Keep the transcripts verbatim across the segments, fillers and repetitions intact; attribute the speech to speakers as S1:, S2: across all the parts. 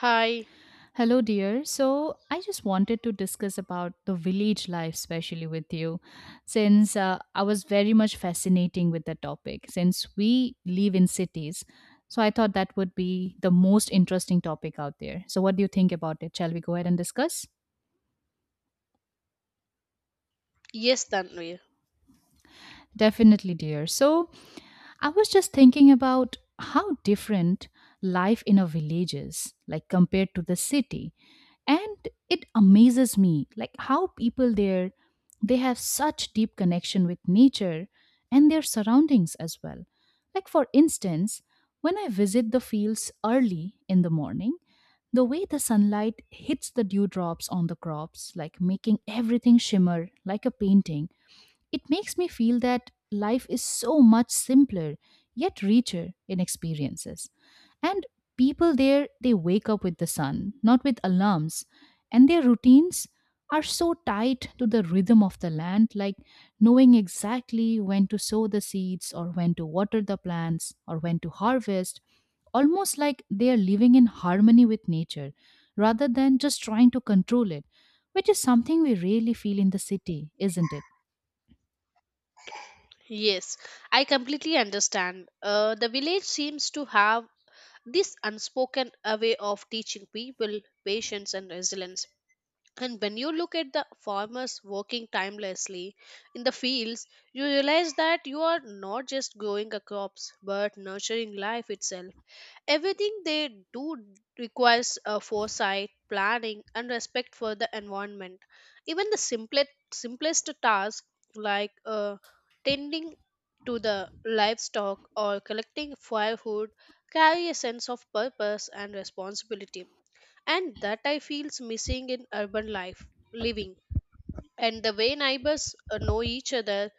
S1: Hi.
S2: Hello, dear. So, I just wanted to discuss about the village life, especially with you, since uh, I was very much fascinating with the topic. Since we live in cities, so I thought that would be the most interesting topic out there. So, what do you think about it? Shall we go ahead and discuss?
S1: Yes, Tanvi.
S2: Definitely, dear. So, I was just thinking about how different life in a village is, like compared to the city. And it amazes me, like how people there they have such deep connection with nature and their surroundings as well. Like for instance, when I visit the fields early in the morning, the way the sunlight hits the dewdrops on the crops, like making everything shimmer like a painting, it makes me feel that life is so much simpler yet richer in experiences. And people there, they wake up with the sun, not with alarms. And their routines are so tied to the rhythm of the land, like knowing exactly when to sow the seeds or when to water the plants or when to harvest, almost like they are living in harmony with nature rather than just trying to control it, which is something we rarely feel in the city, isn't it?
S1: Yes, I completely understand. Uh, the village seems to have this unspoken uh, way of teaching people patience and resilience. And when you look at the farmers working timelessly in the fields, you realize that you are not just growing a crops but nurturing life itself. Everything they do requires uh, foresight planning and respect for the environment, even the simplest simplest task like uh, tending to the livestock or collecting firewood carry a sense of purpose and responsibility, and that I feels missing in urban life living. And the way neighbors uh, know each other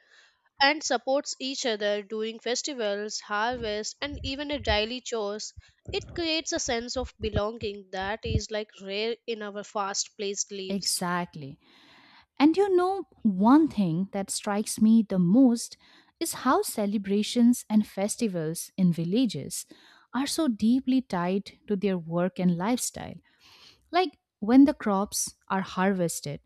S1: and supports each other during festivals, harvest, and even a daily chores. It creates a sense of belonging that is like rare in our fast-paced lives.
S2: Exactly. And you know, one thing that strikes me the most is how celebrations and festivals in villages are so deeply tied to their work and lifestyle. Like when the crops are harvested,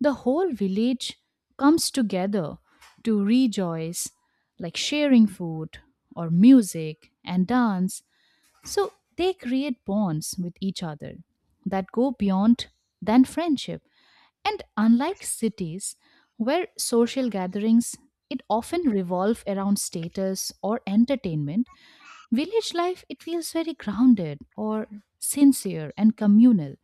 S2: the whole village comes together to rejoice, like sharing food or music and dance. So they create bonds with each other that go beyond than friendship. And unlike cities, where social gatherings it often revolve around status or entertainment, village life it feels very grounded or sincere and communal.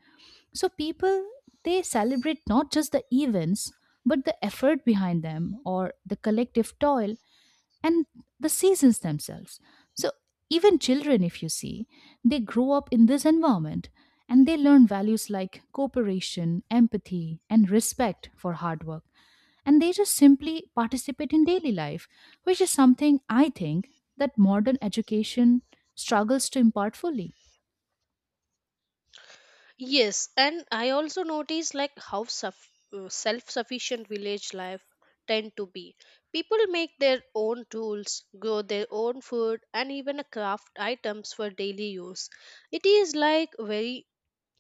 S2: So people they celebrate not just the events but the effort behind them or the collective toil and the seasons themselves. So, even children, if you see, they grow up in this environment and they learn values like cooperation, empathy, and respect for hard work. And they just simply participate in daily life, which is something I think that modern education struggles to impart fully.
S1: Yes, and I also notice like how suff- uh, self-sufficient village life tend to be. People make their own tools, grow their own food, and even a craft items for daily use. It is like very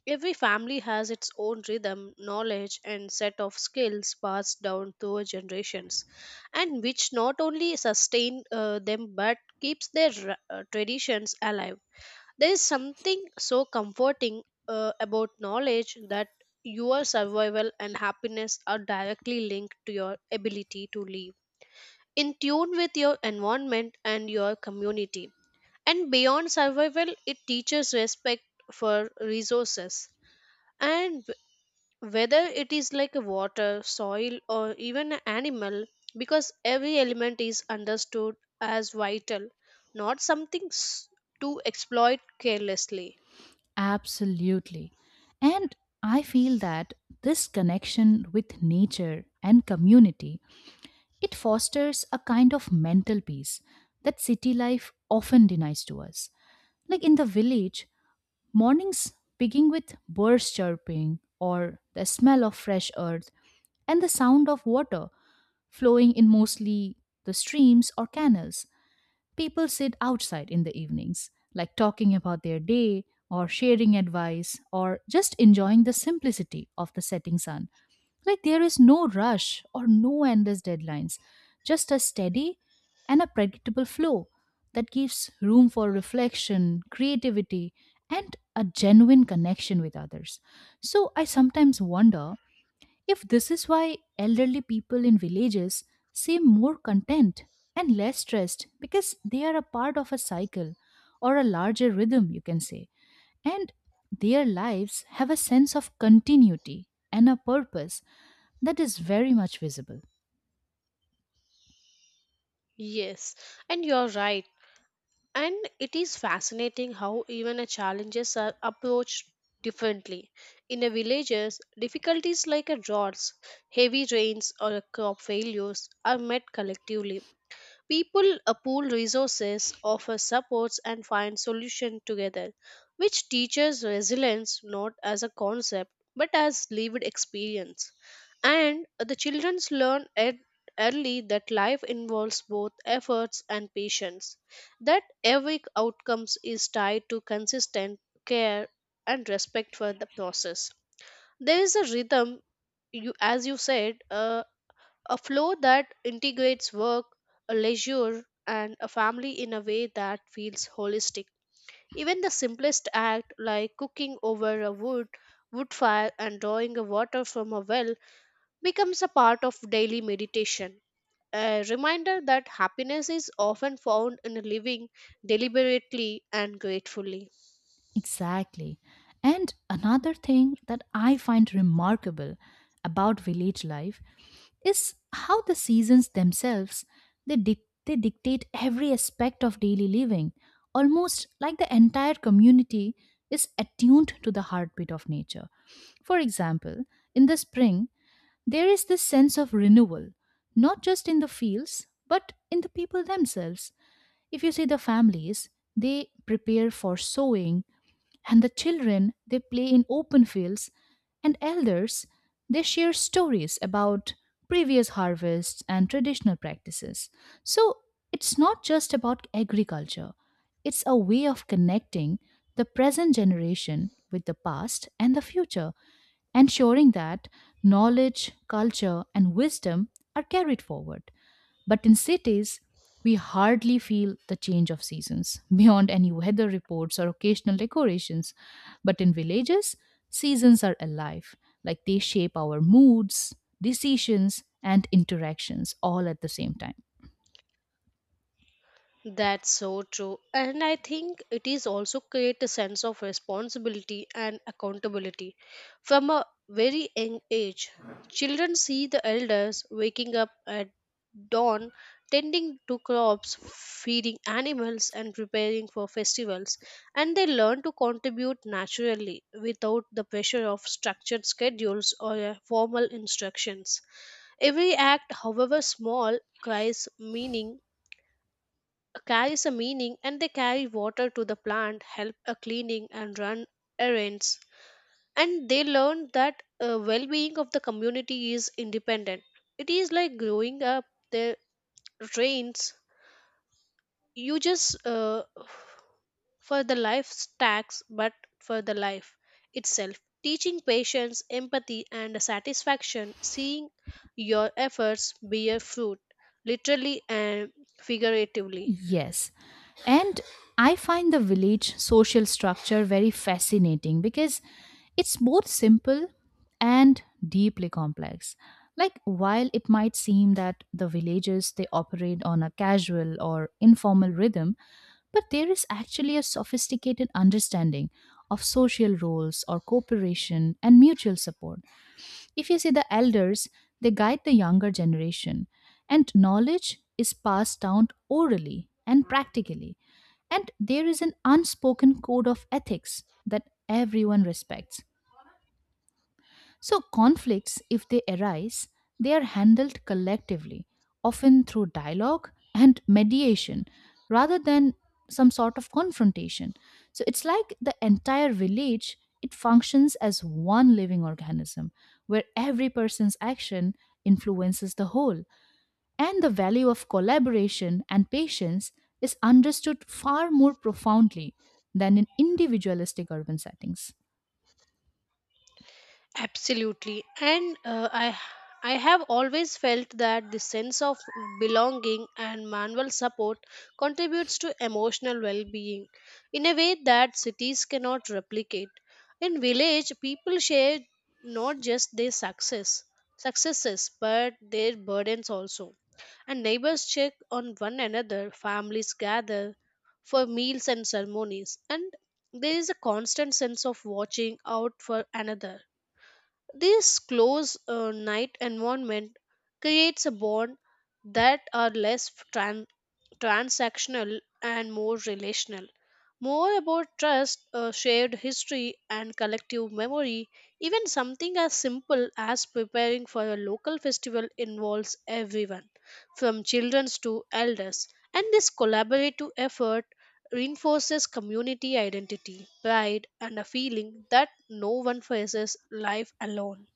S1: every family has its own rhythm, knowledge, and set of skills passed down through generations, and which not only sustain uh, them but keeps their ra- uh, traditions alive. There is something so comforting uh, about knowledge that your survival and happiness are directly linked to your ability to live in tune with your environment and your community. And beyond survival, it teaches respect for resources, and whether it is like water, soil, or even an animal, because every element is understood as vital, not something s- to exploit carelessly.
S2: Absolutely. And I feel that this connection with nature and community it fosters a kind of mental peace that city life often denies to us. Like in the village, mornings begin with birds chirping or the smell of fresh earth and the sound of water flowing in mostly the streams or canals. People sit outside in the evenings, like talking about their day or sharing advice or just enjoying the simplicity of the setting sun. Like there is no rush or no endless deadlines, just a steady and a predictable flow that gives room for reflection, creativity, and a genuine connection with others. So I sometimes wonder if this is why elderly people in villages seem more content and less stressed because they are a part of a cycle or a larger rhythm, you can say. And their lives have a sense of continuity and a purpose that is very much visible.
S1: Yes, and you're right. And it is fascinating how even a challenges are approached differently. In the villages, difficulties like a droughts, heavy rains, or a crop failures are met collectively. People uh, pool resources, offer supports, and find solutions together, which teaches resilience not as a concept but as lived experience. And the children learn at early that life involves both efforts and patience, that every outcome is tied to consistent care and respect for the process. There is a rhythm, you, as you said, uh, a flow that integrates work, a leisure, and a family in a way that feels holistic. Even the simplest act, like cooking over a wood, wood fire, and drawing a water from a well, becomes a part of daily meditation. A reminder that happiness is often found in living deliberately and gratefully.
S2: Exactly. And another thing that I find remarkable about village life is how the seasons themselves they, dic- they dictate every aspect of daily living, almost like the entire community is attuned to the heartbeat of nature. For example, in the spring there is this sense of renewal not just in the fields but in the people themselves. If you see the families, they prepare for sowing, and the children, they play in open fields, and elders, they share stories about previous harvests and traditional practices. So it's not just about agriculture, it's a way of connecting the present generation with the past and the future, ensuring that knowledge, culture, and wisdom are carried forward. But in cities, we hardly feel the change of seasons beyond any weather reports or occasional decorations. But in villages, seasons are alive, like they shape our moods, decisions, and interactions all at the same time.
S1: That's so true. And I think it is also create a sense of responsibility and accountability. From a very young age, children see the elders waking up at dawn, tending to crops, feeding animals, and preparing for festivals, and they learn to contribute naturally without the pressure of structured schedules or uh, formal instructions. Every act, however small, carries meaning carries a meaning, and they carry water to the plant, help a cleaning and run errands. And they learn that uh, well-being of the community is independent. It is like growing up the trains. You just uh, for the life stacks, but for the life itself. Teaching patience, empathy, and satisfaction, seeing your efforts bear fruit, literally and figuratively.
S2: Yes. And I find the village social structure very fascinating because it's both simple and deeply complex. Like, while it might seem that the villages they operate on a casual or informal rhythm, but there is actually a sophisticated understanding of social roles or cooperation and mutual support. If you see the elders, they guide the younger generation, and knowledge is passed down orally and practically. And there is an unspoken code of ethics that everyone respects. So, conflicts, if they arise, they are handled collectively, often through dialogue and mediation rather than some sort of confrontation. So, it's like the entire village, it functions as one living organism where every person's action influences the whole. And the value of collaboration and patience is understood far more profoundly than in individualistic urban settings.
S1: Absolutely. And uh, I I have always felt that the sense of belonging and manual support contributes to emotional well-being in a way that cities cannot replicate. In village, people share not just their success successes but their burdens also. And neighbors check on one another, families gather for meals and ceremonies, and there is a constant sense of watching out for another. This close uh, night environment creates a bond that are less tran- transactional and more relational. More about trust, uh, shared history, and collective memory. Even something as simple as preparing for a local festival involves everyone, from children to elders. And this collaborative effort reinforces community identity, pride, and a feeling that no one faces life alone.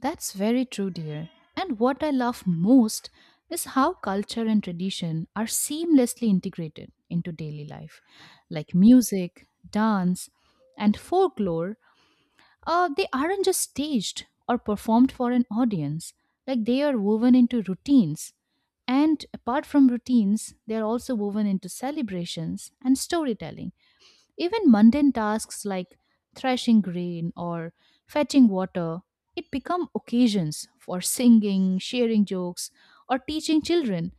S2: That's very true, dear. And what I love most is how culture and tradition are seamlessly integrated into daily life. Like music, dance, and folklore, uh, they aren't just staged or performed for an audience, like, they are woven into routines. And apart from routines, they are also woven into celebrations and storytelling. Even mundane tasks like threshing grain or fetching water, it become occasions for singing, sharing jokes, or teaching children.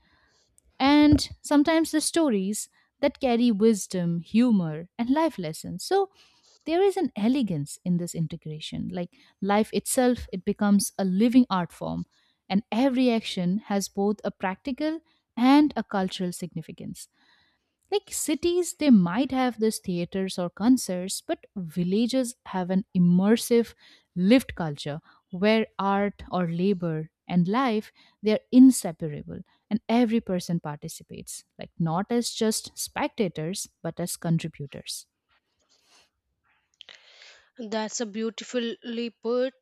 S2: And sometimes the stories that carry wisdom, humor, and life lessons. So there is an elegance in this integration. Like life itself, it becomes a living art form, and every action has both a practical and a cultural significance. Like cities, they might have these theaters or concerts, but villages have an immersive, lived culture where art or labor and life they are inseparable and every person participates like not as just spectators but as contributors.
S1: That's a beautifully put.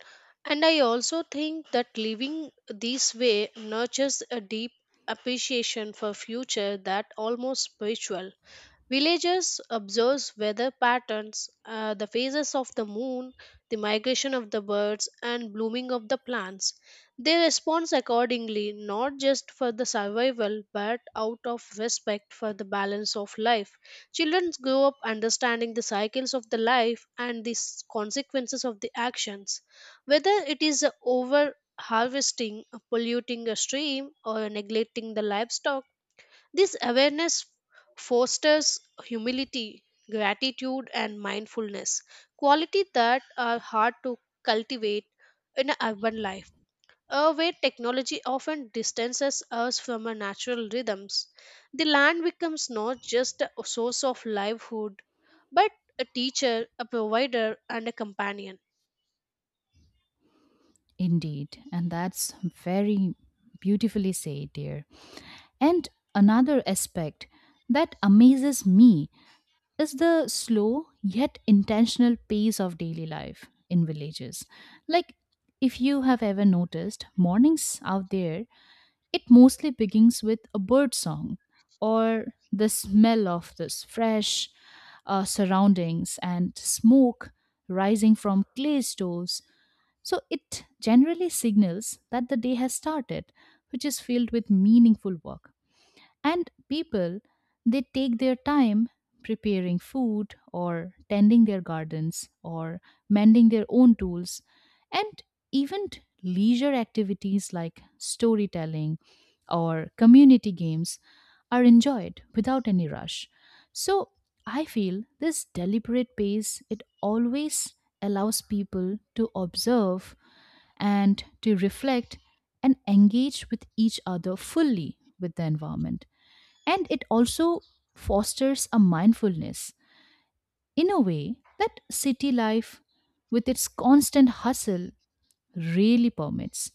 S1: And I also think that living this way nurtures a deep appreciation for future that almost spiritual. Villagers observe weather patterns, uh, the phases of the moon, the migration of the birds, and blooming of the plants. They respond accordingly, not just for the survival, but out of respect for the balance of life. Children grow up understanding the cycles of the life and the s- consequences of the actions. Whether it is a over harvesting, a polluting a stream, or a neglecting the livestock, this awareness fosters humility, gratitude, and mindfulness, qualities that are hard to cultivate in a urban life, uh, where technology often distances us from our natural rhythms. The land becomes not just a source of livelihood, but a teacher, a provider, and a companion.
S2: Indeed, and that's very beautifully said, dear. And another aspect that amazes me is the slow yet intentional pace of daily life in villages. Like, if you have ever noticed, mornings out there, it mostly begins with a bird song or the smell of this fresh uh, surroundings and smoke rising from clay stoves. So, it generally signals that the day has started, which is filled with meaningful work. And people, they take their time preparing food or tending their gardens or mending their own tools. And even t- leisure activities like storytelling or community games are enjoyed without any rush. So I feel this deliberate pace, it always allows people to observe and to reflect and engage with each other fully with the environment, and it also fosters a mindfulness in a way that city life with its constant hustle really permits.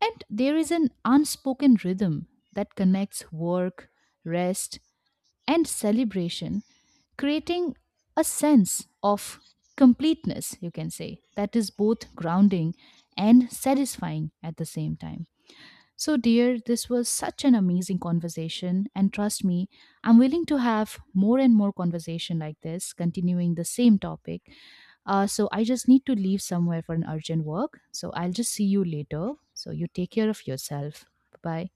S2: And there is an unspoken rhythm that connects work, rest, and celebration, creating a sense of completeness, you can say, that is both grounding and satisfying at the same time. So, dear, this was such an amazing conversation. And trust me, I'm willing to have more and more conversation like this, continuing the same topic. Uh, so, I just need to leave somewhere for an urgent work. So, I'll just see you later. So, you take care of yourself. Bye bye.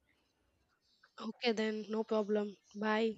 S1: Okay, then, no problem. Bye.